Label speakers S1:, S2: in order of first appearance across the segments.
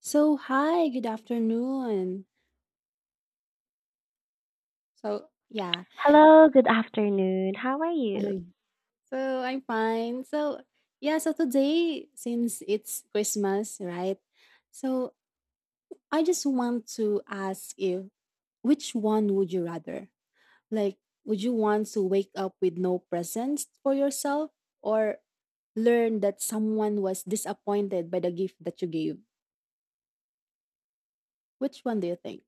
S1: So, hi, good afternoon. So, yeah.
S2: Hello, good afternoon. How are you?
S1: Hi. So, I'm fine. So today, since it's Christmas, right? So, I just want to ask you, which one would you rather? Like, would you want to wake up with no presents for yourself, or learn that someone was disappointed by the gift that you gave? Which one do you think?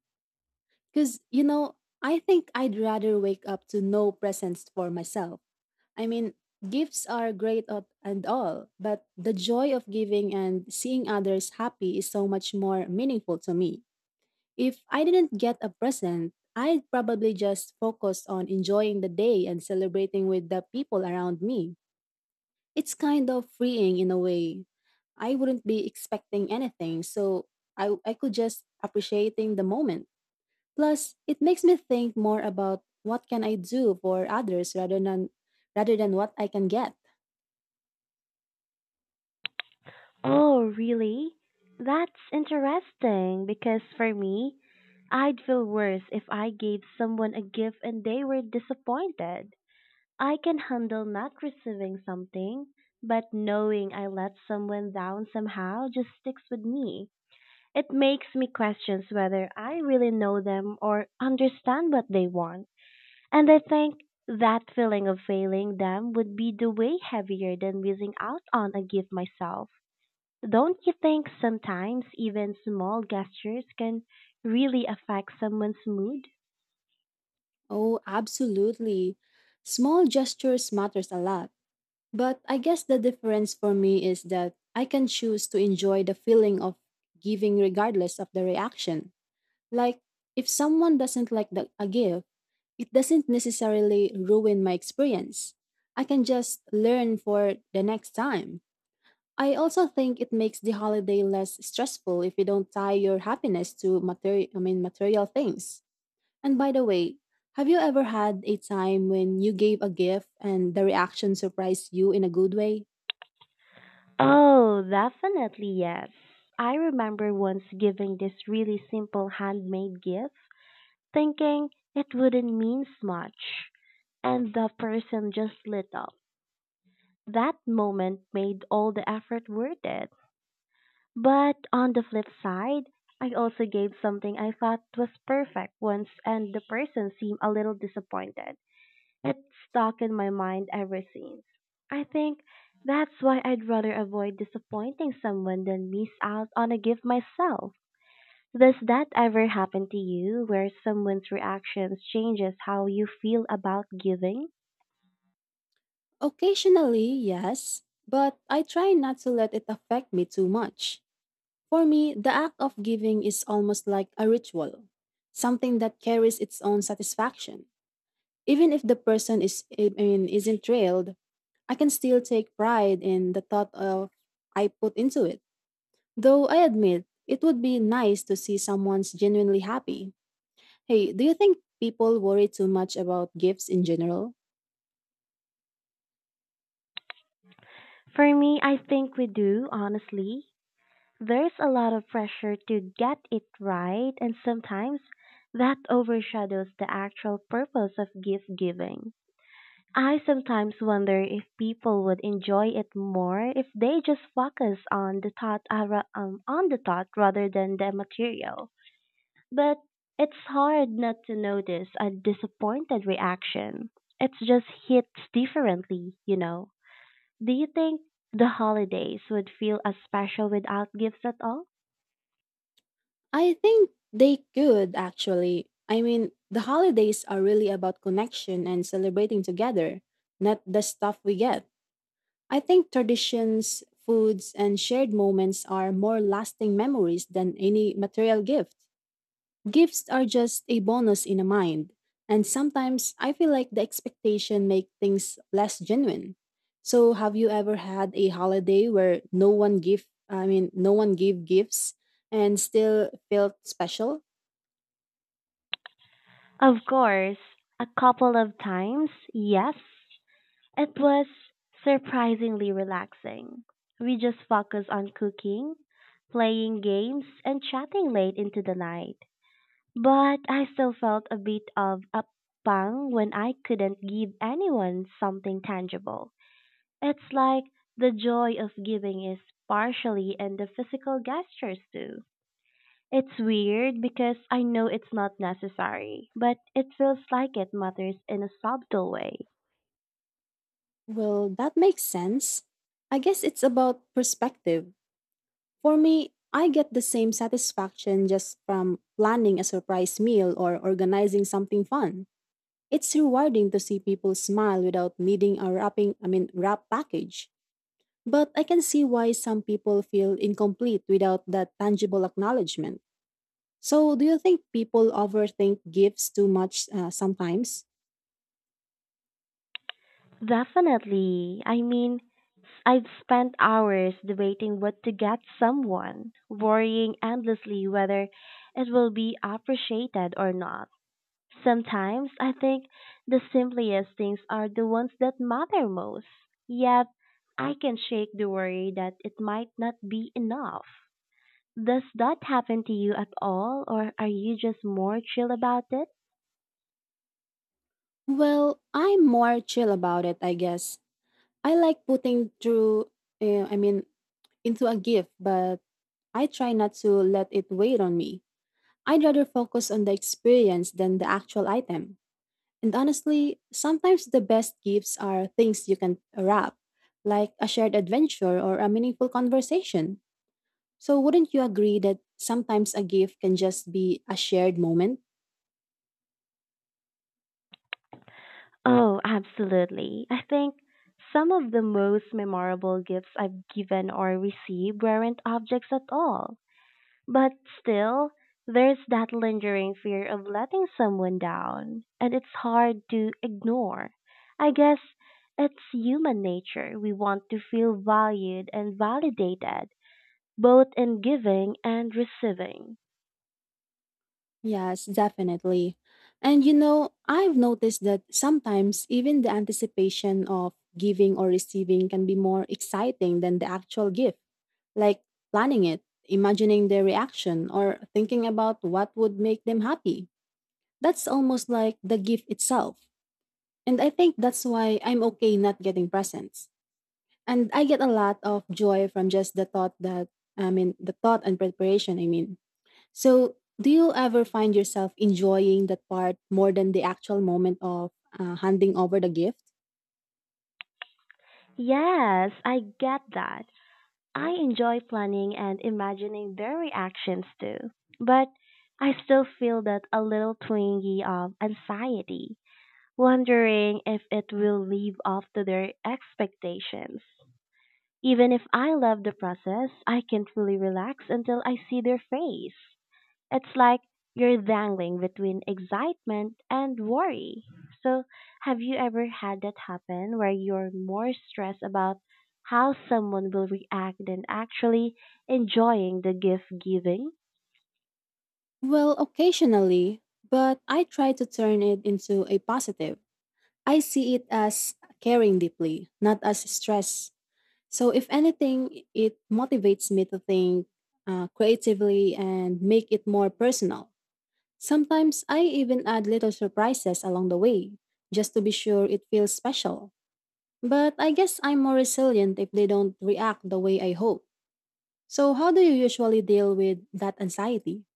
S1: Because, you know, I think I'd rather wake up to no presents for myself. I mean, gifts are great up and all, but the joy of giving and seeing others happy is so much more meaningful to me. If I didn't get a present, I'd probably just focus on enjoying the day and celebrating with the people around me. It's kind of freeing in a way. I wouldn't be expecting anything, so I could just appreciating the moment. Plus, it makes me think more about what can I do for others rather than what I can get.
S2: Oh, really? That's interesting because for me, I'd feel worse if I gave someone a gift and they were disappointed. I can handle not receiving something, but knowing I let someone down somehow just sticks with me. It makes me question whether I really know them or understand what they want. And I think that feeling of failing them would be the way heavier than missing out on a gift myself. Don't you think sometimes even small gestures can really affect someone's mood?
S1: Oh, absolutely. Small gestures matters a lot. But I guess the difference for me is that I can choose to enjoy the feeling of giving regardless of the reaction. Like, if someone doesn't like a gift, it doesn't necessarily ruin my experience. I can just learn for the next time. I also think it makes the holiday less stressful if you don't tie your happiness to material I mean material things. And by the way, have you ever had a time when you gave a gift and the reaction surprised you in a good way?
S2: Oh, definitely yes. I remember once giving this really simple handmade gift, thinking it wouldn't mean much, and the person just lit up. That moment made all the effort worth it. But on the flip side, I also gave something I thought was perfect once and the person seemed a little disappointed. It stuck in my mind ever since. I think that's why I'd rather avoid disappointing someone than miss out on a gift myself. Does that ever happen to you where someone's reactions changes how you feel about giving?
S1: Occasionally, yes, but I try not to let it affect me too much. For me, the act of giving is almost like a ritual, something that carries its own satisfaction. Even if the person isn't thrilled, I can still take pride in the thought of I put into it. Though I admit, it would be nice to see someone's genuinely happy. Hey, do you think people worry too much about gifts in general?
S2: For me, I think we do, honestly. There's a lot of pressure to get it right, and sometimes that overshadows the actual purpose of gift giving. I sometimes wonder if people would enjoy it more if they just focus on the on the thought rather than the material. But it's hard not to notice a disappointed reaction. It just hits differently. Do you think the holidays would feel as special without gifts at all?
S1: I think they could actually. I mean, the holidays are really about connection and celebrating together, not the stuff we get. I think traditions, foods, and shared moments are more lasting memories than any material gift. Gifts are just a bonus in a mind, and sometimes I feel like the expectation make things less genuine. So, have you ever had a holiday where no one give I mean no one gave gifts and still felt special?
S2: Of course, a couple of times, yes. It was surprisingly relaxing. We just focused on cooking, playing games, and chatting late into the night. But I still felt a bit of a pang when I couldn't give anyone something tangible. It's like the joy of giving is partially in the physical gestures too. It's weird because I know it's not necessary, but it feels like it matters in a subtle way.
S1: Well, that makes sense. I guess it's about perspective. For me, I get the same satisfaction just from planning a surprise meal or organizing something fun. It's rewarding to see people smile without needing a wrapping, I mean, wrap package. But I can see why some people feel incomplete without that tangible acknowledgement. So, do you think people overthink gifts too much sometimes?
S2: Definitely. I mean, I've spent hours debating what to get someone, worrying endlessly whether it will be appreciated or not. Sometimes I think the simplest things are the ones that matter most. Yet, I can shake the worry that it might not be enough. Does that happen to you at all, or are you just more chill about it?
S1: Well, I'm more chill about it, I guess. I like putting uh, I mean, into a gift, but I try not to let it weigh on me. I'd rather focus on the experience than the actual item. And honestly, sometimes the best gifts are things you can wrap, like a shared adventure or a meaningful conversation. So, wouldn't you agree that sometimes a gift can just be a shared moment?
S2: Oh, absolutely. I think some of the most memorable gifts I've given or received weren't objects at all. But still, there's that lingering fear of letting someone down, and it's hard to ignore. I guess it's human nature. We want to feel valued and validated, both in giving and receiving.
S1: Yes, definitely. And you know, I've noticed that sometimes even the anticipation of giving or receiving can be more exciting than the actual gift, like planning it, imagining their reaction, or thinking about what would make them happy. That's almost like the gift itself. And I think that's why I'm okay not getting presents. And I get a lot of joy from just the thought and preparation, I mean. So, do you ever find yourself enjoying that part more than the actual moment of handing over the gift?
S2: Yes, I get that. I enjoy planning and imagining their reactions too. But I still feel that a little twinge of anxiety, wondering if it will live up to their expectations. Even if I love the process, I can't fully relax until I see their face. It's like you're dangling between excitement and worry. So, have you ever had that happen where you're more stressed about how someone will react than actually enjoying the gift giving?
S1: Well, occasionally, but I try to turn it into a positive. I see it as caring deeply, not as stress. So, if anything, it motivates me to think creatively and make it more personal. Sometimes I even add little surprises along the way, just to be sure it feels special. But I guess I'm more resilient if they don't react the way I hope. So, how do you usually deal with that anxiety?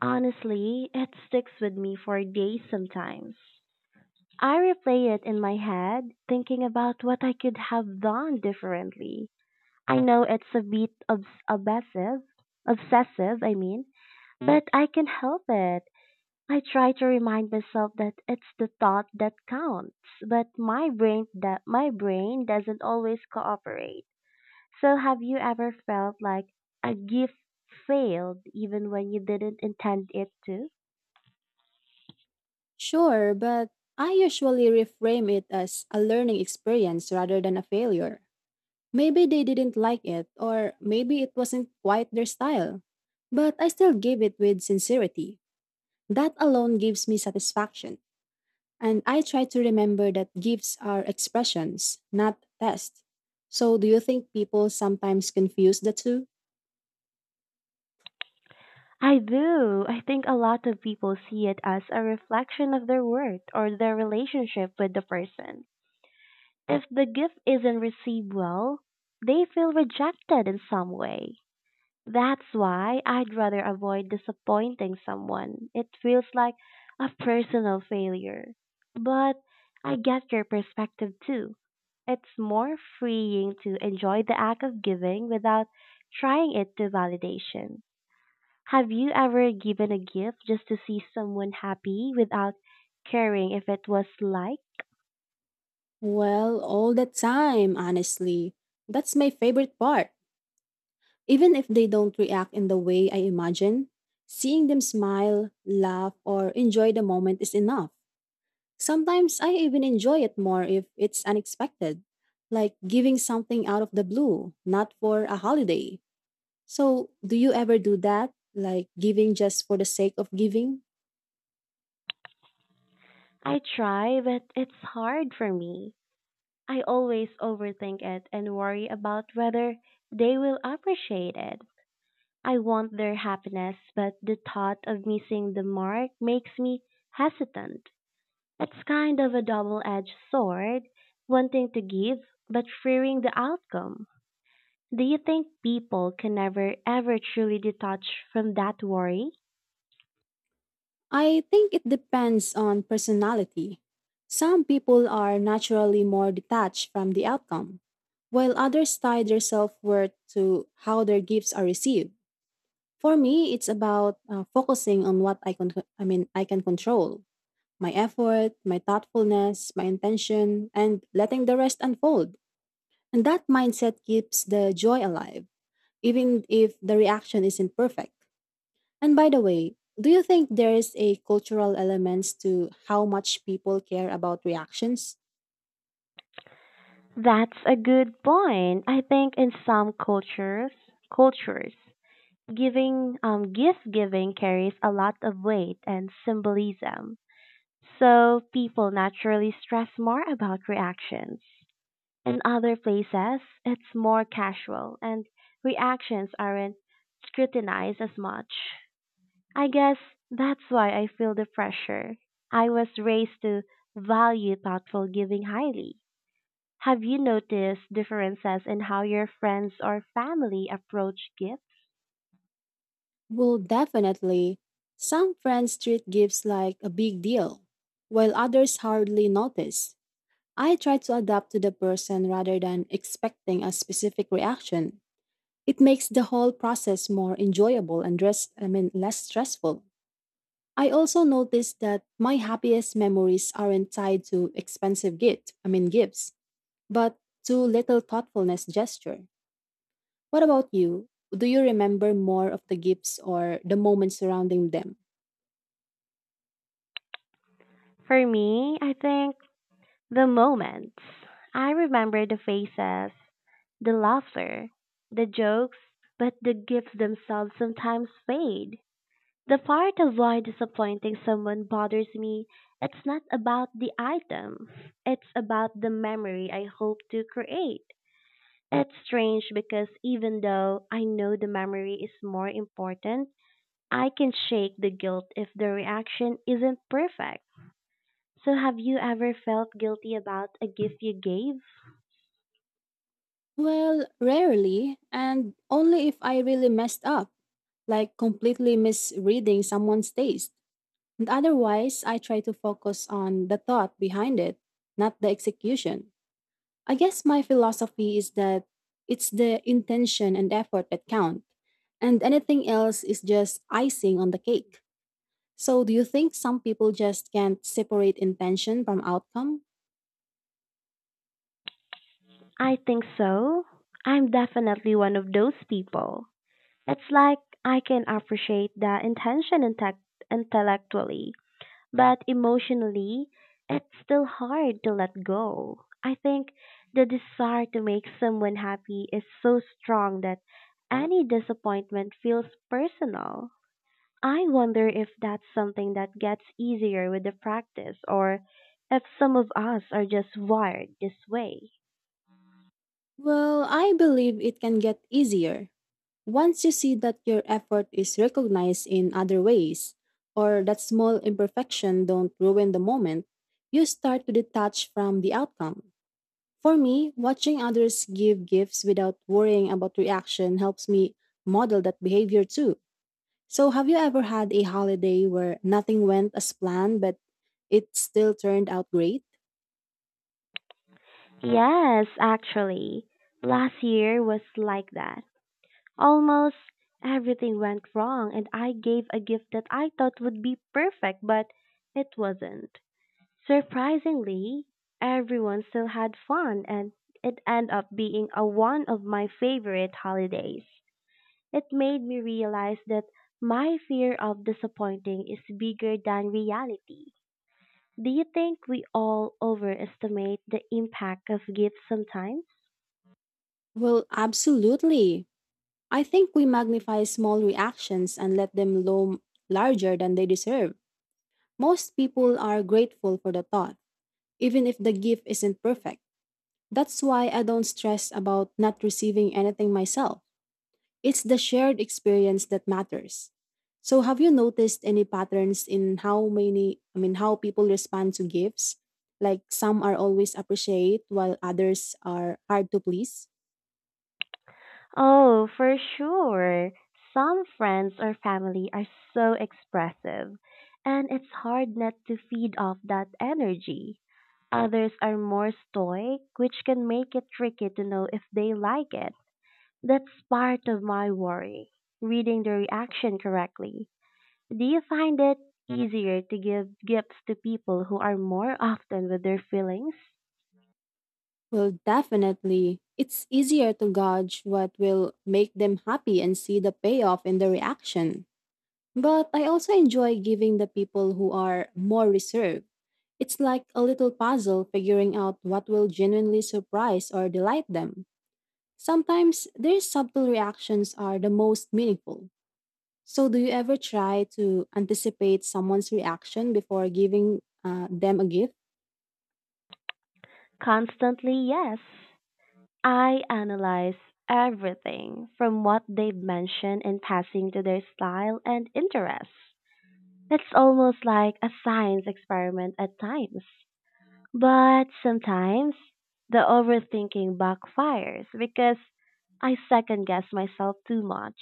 S2: Honestly, it sticks with me for days sometimes. I replay it in my head, thinking about what I could have done differently. I know it's a bit obsessive, but I can help it. I try to remind myself that it's the thought that counts, but my brain doesn't always cooperate. So have you ever felt like a gift failed even when you didn't intend it to?
S1: Sure, but I usually reframe it as a learning experience rather than a failure. Maybe they didn't like it, or maybe it wasn't quite their style. But I still gave it with sincerity. That alone gives me satisfaction. And I try to remember that gifts are expressions, not tests. So, do you think people sometimes confuse the two?
S2: I do. I think a lot of people see it as a reflection of their worth or their relationship with the person. If the gift isn't received well, they feel rejected in some way. That's why I'd rather avoid disappointing someone. It feels like a personal failure. But I get your perspective too. It's more freeing to enjoy the act of giving without trying it to validation. Have you ever given a gift just to see someone happy without caring if it was liked?
S1: Well, all the time, honestly. That's my favorite part. Even if they don't react in the way I imagine, seeing them smile, laugh, or enjoy the moment is enough. Sometimes I even enjoy it more if it's unexpected, like giving something out of the blue, not for a holiday. So, do you ever do that? Like giving just for the sake of giving?
S2: I try, but it's hard for me. I always overthink it and worry about whether they will appreciate it. I want their happiness, but the thought of missing the mark makes me hesitant. It's kind of a double edged sword, wanting to give but fearing the outcome. Do you think people can never ever truly detach from that worry?
S1: I think it depends on personality. Some people are naturally more detached from the outcome, while others tie their self worth to how their gifts are received. For me, it's about focusing on what I can control, my effort, my thoughtfulness, my intention, and letting the rest unfold. And that mindset keeps the joy alive, even if the reaction isn't perfect. And by the way, do you think there is a cultural elements to how much people care about reactions?
S2: That's a good point. I think in some cultures, gift giving carries a lot of weight and symbolism, so people naturally stress more about reactions. In other places, it's more casual and reactions aren't scrutinized as much. I guess that's why I feel the pressure. I was raised to value thoughtful giving highly. Have you noticed differences in how your friends or family approach gifts?
S1: Well, definitely. Some friends treat gifts like a big deal, while others hardly notice. I try to adapt to the person rather than expecting a specific reaction. It makes the whole process more enjoyable and less stressful. I also noticed that my happiest memories aren't tied to expensive gifts, but to little thoughtfulness gesture. What about you? Do you remember more of the gifts or the moments surrounding them?
S2: For me, I think the moments. I remember the faces, the laughter, the jokes, but the gifts themselves sometimes fade. The part of why disappointing someone bothers me, it's not about the item. It's about the memory I hope to create. It's strange because even though I know the memory is more important, I can shake the guilt if the reaction isn't perfect. So have you ever felt guilty about a gift you gave?
S1: Well, rarely, and only if I really messed up, like completely misreading someone's taste. And otherwise, I try to focus on the thought behind it, not the execution. I guess my philosophy is that it's the intention and effort that count, and anything else is just icing on the cake. So, do you think some people just can't separate intention from outcome?
S2: I think so. I'm definitely one of those people. It's like I can appreciate the intention intellectually, but emotionally, it's still hard to let go. I think the desire to make someone happy is so strong that any disappointment feels personal. I wonder if that's something that gets easier with the practice or if some of us are just wired this way.
S1: Well, I believe it can get easier. Once you see that your effort is recognized in other ways, or that small imperfection don't ruin the moment, you start to detach from the outcome. For me, watching others give gifts without worrying about reaction helps me model that behavior too. So, have you ever had a holiday where nothing went as planned, but it still turned out great?
S2: Yes, actually, last year was like that. Almost everything went wrong, and I gave a gift that I thought would be perfect, but it wasn't. Surprisingly, everyone still had fun, and it ended up being a one of my favorite holidays. It made me realize that my fear of disappointing is bigger than reality. Do you think we all overestimate the impact of gifts sometimes?
S1: Well, absolutely. I think we magnify small reactions and let them loom larger than they deserve. Most people are grateful for the thought, even if the gift isn't perfect. That's why I don't stress about not receiving anything myself. It's the shared experience that matters. So, have you noticed any patterns in how many, I mean, how people respond to gifts? Like some are always appreciated while others are hard to please?
S2: Oh, for sure. Some friends or family are so expressive, and it's hard not to feed off that energy. Others are more stoic, which can make it tricky to know if they like it. That's part of my worry, reading the reaction correctly. Do you find it easier to give gifts to people who are more often with their feelings?
S1: Well, definitely. It's easier to gauge what will make them happy and see the payoff in the reaction. But I also enjoy giving the people who are more reserved. It's like a little puzzle figuring out what will genuinely surprise or delight them. Sometimes their subtle reactions are the most meaningful. So, do you ever try to anticipate someone's reaction before giving them a gift?
S2: Constantly, yes. I analyze everything from what they've mentioned in passing to their style and interests. It's almost like a science experiment at times. But sometimes the overthinking backfires because I second guess myself too much.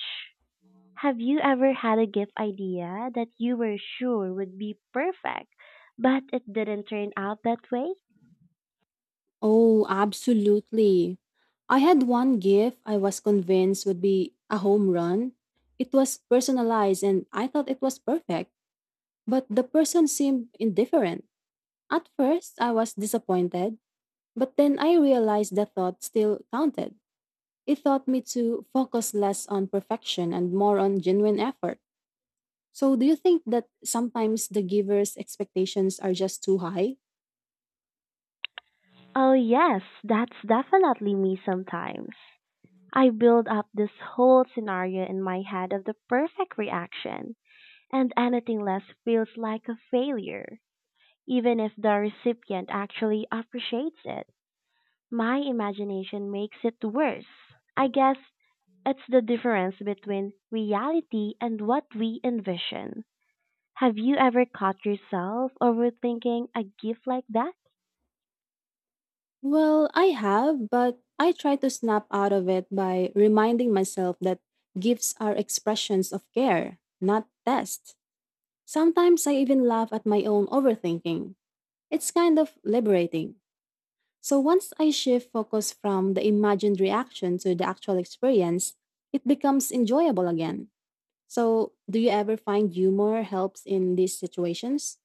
S2: Have you ever had a gift idea that you were sure would be perfect, but it didn't turn out that way?
S1: Oh, absolutely. I had one gift I was convinced would be a home run. It was personalized and I thought it was perfect. But the person seemed indifferent. At first, I was disappointed, but then I realized the thought still counted. It taught me to focus less on perfection and more on genuine effort. So, do you think that sometimes the giver's expectations are just too high?
S2: Oh, yes, that's definitely me sometimes. I build up this whole scenario in my head of the perfect reaction, and anything less feels like a failure, even if the recipient actually appreciates it. My imagination makes it worse. I guess it's the difference between reality and what we envision. Have you ever caught yourself overthinking a gift like that?
S1: Well, I have, but I try to snap out of it by reminding myself that gifts are expressions of care, not tests. Sometimes I even laugh at my own overthinking. It's kind of liberating. So once I shift focus from the imagined reaction to the actual experience, it becomes enjoyable again. So, do you ever find humor helps in these situations?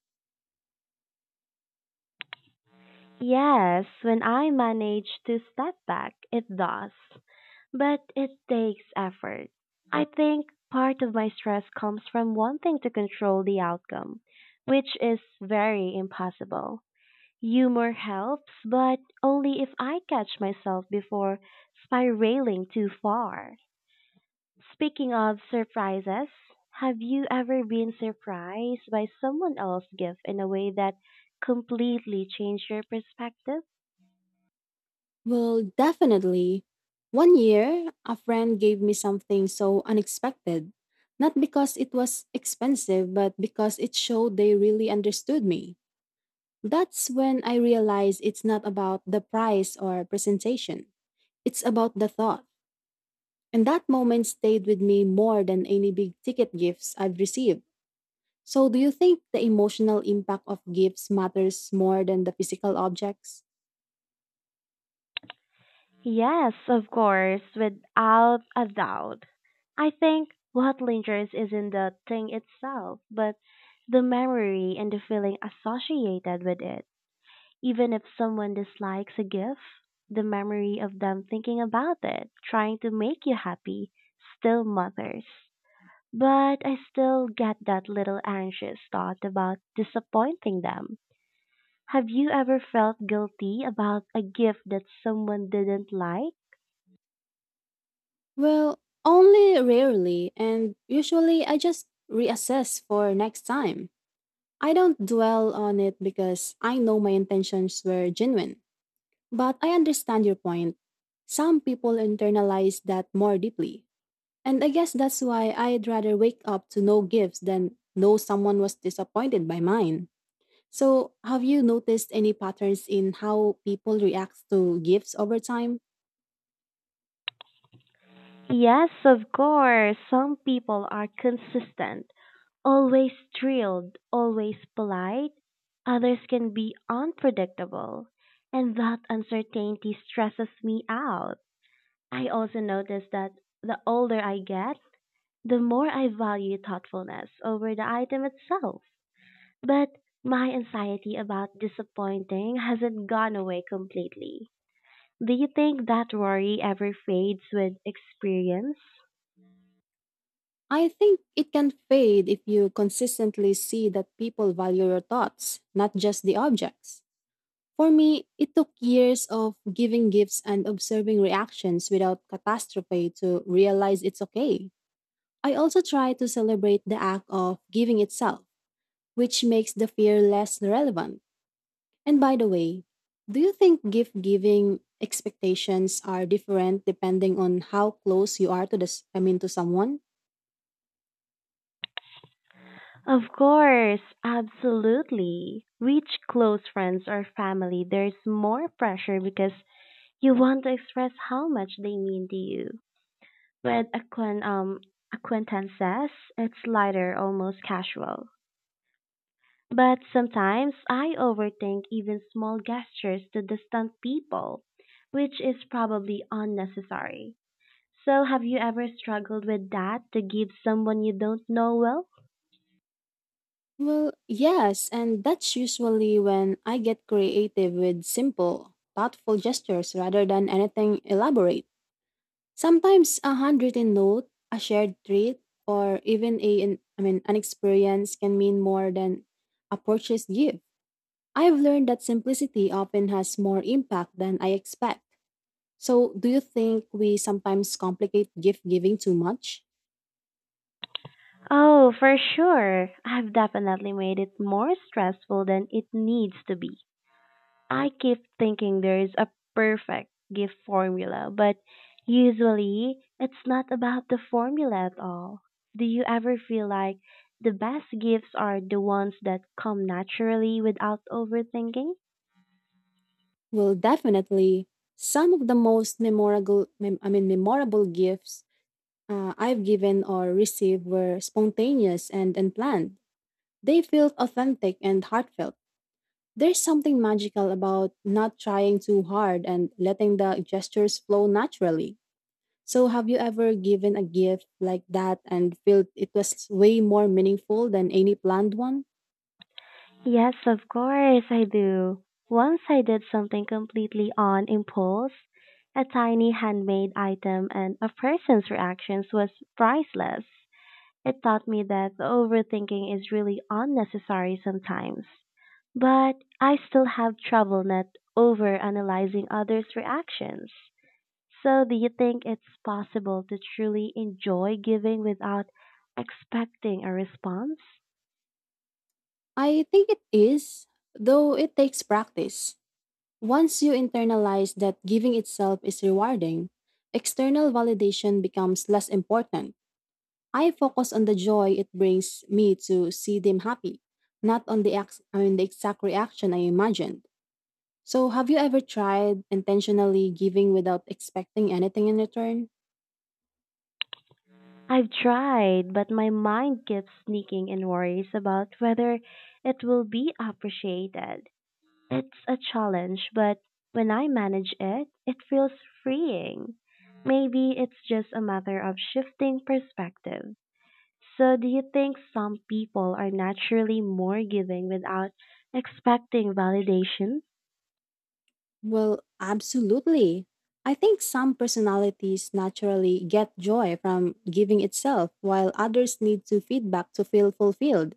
S2: Yes, when I manage to step back, it does. But it takes effort. I think part of my stress comes from wanting to control the outcome, which is very impossible. Humor helps, but only if I catch myself before spiraling too far. Speaking of surprises, have you ever been surprised by someone else's gift in a way that completely changed your perspective?
S1: Well, definitely. One year, a friend gave me something so unexpected, not because it was expensive, but because it showed they really understood me. That's when I realized it's not about the price or presentation, it's about the thought. And that moment stayed with me more than any big ticket gifts I've received. So, do you think the emotional impact of gifts matters more than the physical objects?
S2: Yes, of course, without a doubt. I think what lingers isn't the thing itself, but the memory and the feeling associated with it. Even if someone dislikes a gift, the memory of them thinking about it, trying to make you happy, still matters. But I still get that little anxious thought about disappointing them. Have you ever felt guilty about a gift that someone didn't like?
S1: Well, only rarely, and usually I just reassess for next time. I don't dwell on it because I know my intentions were genuine. But I understand your point. Some people internalize that more deeply. And I guess that's why I'd rather wake up to no gifts than know someone was disappointed by mine. So, have you noticed any patterns in how people react to gifts over time?
S2: Yes, of course. Some people are consistent, always drilled, always polite. Others can be unpredictable, and that uncertainty stresses me out. I also notice that the older I get, the more I value thoughtfulness over the item itself. But my anxiety about disappointing hasn't gone away completely. Do you think that worry ever fades with experience?
S1: I think it can fade if you consistently see that people value your thoughts, not just the objects. For me, it took years of giving gifts and observing reactions without catastrophe to realize it's okay. I also try to celebrate the act of giving itself, which makes the fear less relevant. And by the way, do you think gift giving expectations are different depending on how close you are to this I mean to someone?
S2: Of course, absolutely. Reach close friends or family, there's more pressure because you want to express how much they mean to you. With acquaintances, it's lighter, almost casual. But sometimes I overthink even small gestures to distant people, which is probably unnecessary. So, have you ever struggled with that to give someone you don't know well?
S1: Well, yes, and that's usually when I get creative with simple, thoughtful gestures rather than anything elaborate. Sometimes a handwritten note, a shared treat, or even a an- I mean an experience can mean more than a purchased gift. I've learned that simplicity often has more impact than I expect. So, do you think we sometimes complicate gift giving too much?
S2: Oh, for sure. I've definitely made it more stressful than it needs to be. I keep thinking there is a perfect gift formula, but usually it's not about the formula at all. Do you ever feel like the best gifts are the ones that come naturally without overthinking?
S1: Well, definitely. Some of the most memorable gifts I've given or received were spontaneous and unplanned. They felt authentic and heartfelt. There's something magical about not trying too hard and letting the gestures flow naturally. So, have you ever given a gift like that and felt it was way more meaningful than any planned one?
S2: Yes, of course I do. Once I did something completely on impulse, a tiny handmade item and a person's reactions was priceless. It taught me that overthinking is really unnecessary sometimes. But I still have trouble not overanalyzing others' reactions. So do you think it's possible to truly enjoy giving without expecting a response?
S1: I think it is, though it takes practice. Once you internalize that giving itself is rewarding, external validation becomes less important. I focus on the joy it brings me to see them happy, not on the exact reaction I imagined. So, have you ever tried intentionally giving without expecting anything in return?
S2: I've tried, but my mind keeps sneaking in worries about whether it will be appreciated. It's a challenge, but when I manage it, it feels freeing. Maybe it's just a matter of shifting perspective. So, do you think some people are naturally more giving without expecting validation?
S1: Well, absolutely. I think some personalities naturally get joy from giving itself, while others need to feedback to feel fulfilled.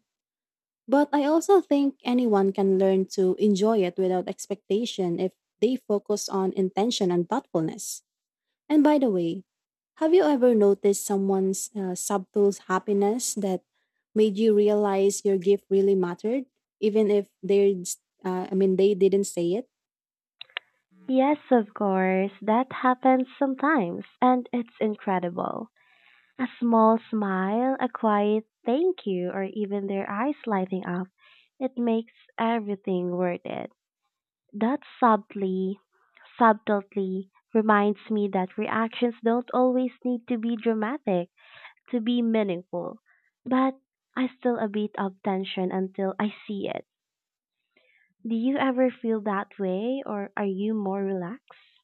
S1: But I also think anyone can learn to enjoy it without expectation if they focus on intention and thoughtfulness. And by the way, have you ever noticed someone's subtle happiness that made you realize your gift really mattered, even if they didn't say it?
S2: Yes, of course, that happens sometimes, and it's incredible. A small smile, a quiet thank you, or even their eyes lighting up, it makes everything worth it. That subtlety reminds me that reactions don't always need to be dramatic to be meaningful. But I still a bit of tension until I see it. Do you ever feel that way or are you more relaxed?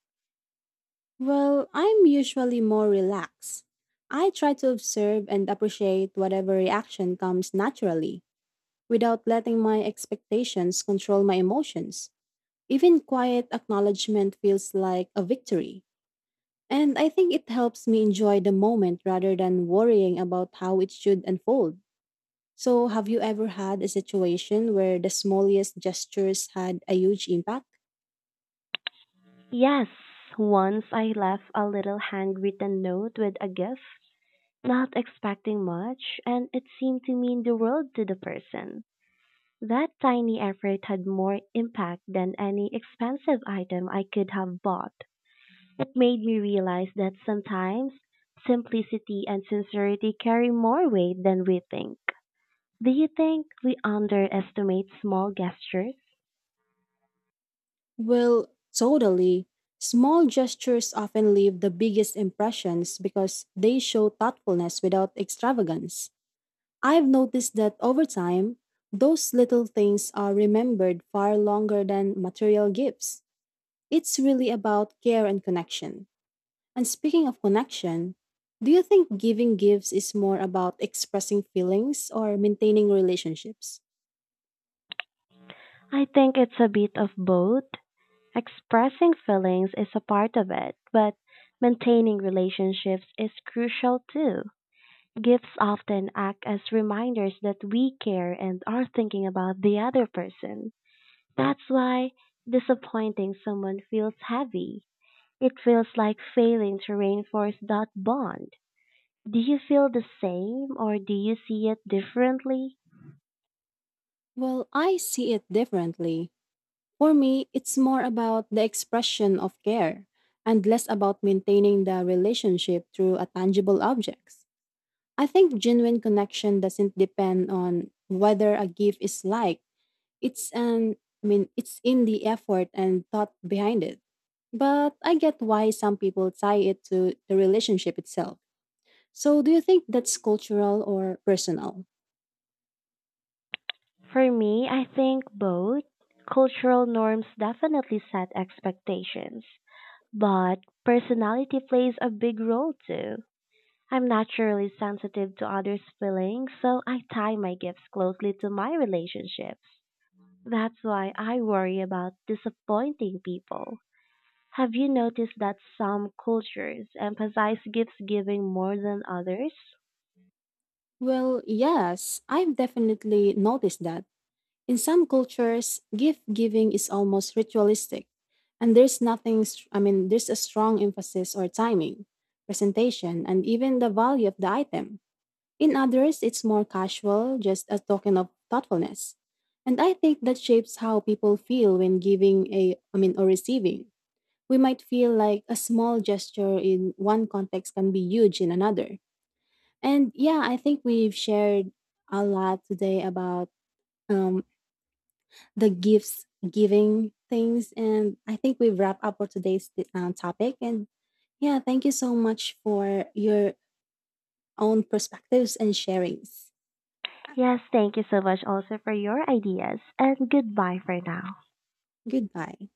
S1: Well, I'm usually more relaxed. I try to observe and appreciate whatever reaction comes naturally, without letting my expectations control my emotions. Even quiet acknowledgement feels like a victory. And I think it helps me enjoy the moment rather than worrying about how it should unfold. So, have you ever had a situation where the smallest gestures had a huge impact?
S2: Yes, once I left a little handwritten note with a gift not expecting much, and it seemed to mean the world to the person. That tiny effort had more impact than any expensive item I could have bought. It made me realize that sometimes simplicity and sincerity carry more weight than we think. Do you think we underestimate small gestures?
S1: Well, totally. Small gestures often leave the biggest impressions because they show thoughtfulness without extravagance. I've noticed that over time, those little things are remembered far longer than material gifts. It's really about care and connection. And speaking of connection, do you think giving gifts is more about expressing feelings or maintaining relationships?
S2: I think it's a bit of both. Expressing feelings is a part of it, but maintaining relationships is crucial too. Gifts often act as reminders that we care and are thinking about the other person. That's why disappointing someone feels heavy. It feels like failing to reinforce that bond. Do you feel the same or do you see it differently?
S1: Well, I see it differently. For me, it's more about the expression of care and less about maintaining the relationship through a tangible objects. I think genuine connection doesn't depend on whether a gift is liked. It's an I mean, it's in the effort and thought behind it. But I get why some people tie it to the relationship itself. So, do you think that's cultural or personal?
S2: For me, I think both. Cultural norms definitely set expectations, but personality plays a big role too. I'm naturally sensitive to others' feelings, so I tie my gifts closely to my relationships. That's why I worry about disappointing people. Have you noticed that some cultures emphasize gifts giving more than others?
S1: Well, yes, I've definitely noticed that in some cultures, gift giving is almost ritualistic, and there's nothing, str- I mean, there's a strong emphasis or timing, presentation, and even the value of the item. In others, it's more casual, just a token of thoughtfulness. And I think that shapes how people feel when giving or receiving. We might feel like a small gesture in one context can be huge in another. And yeah, I think we've shared a lot today about um, the gifts giving things, and I think we wrap up for today's topic. And yeah, thank you so much for your own perspectives and sharings.
S2: Yes, thank you so much also for your ideas, and goodbye for now.
S1: Goodbye.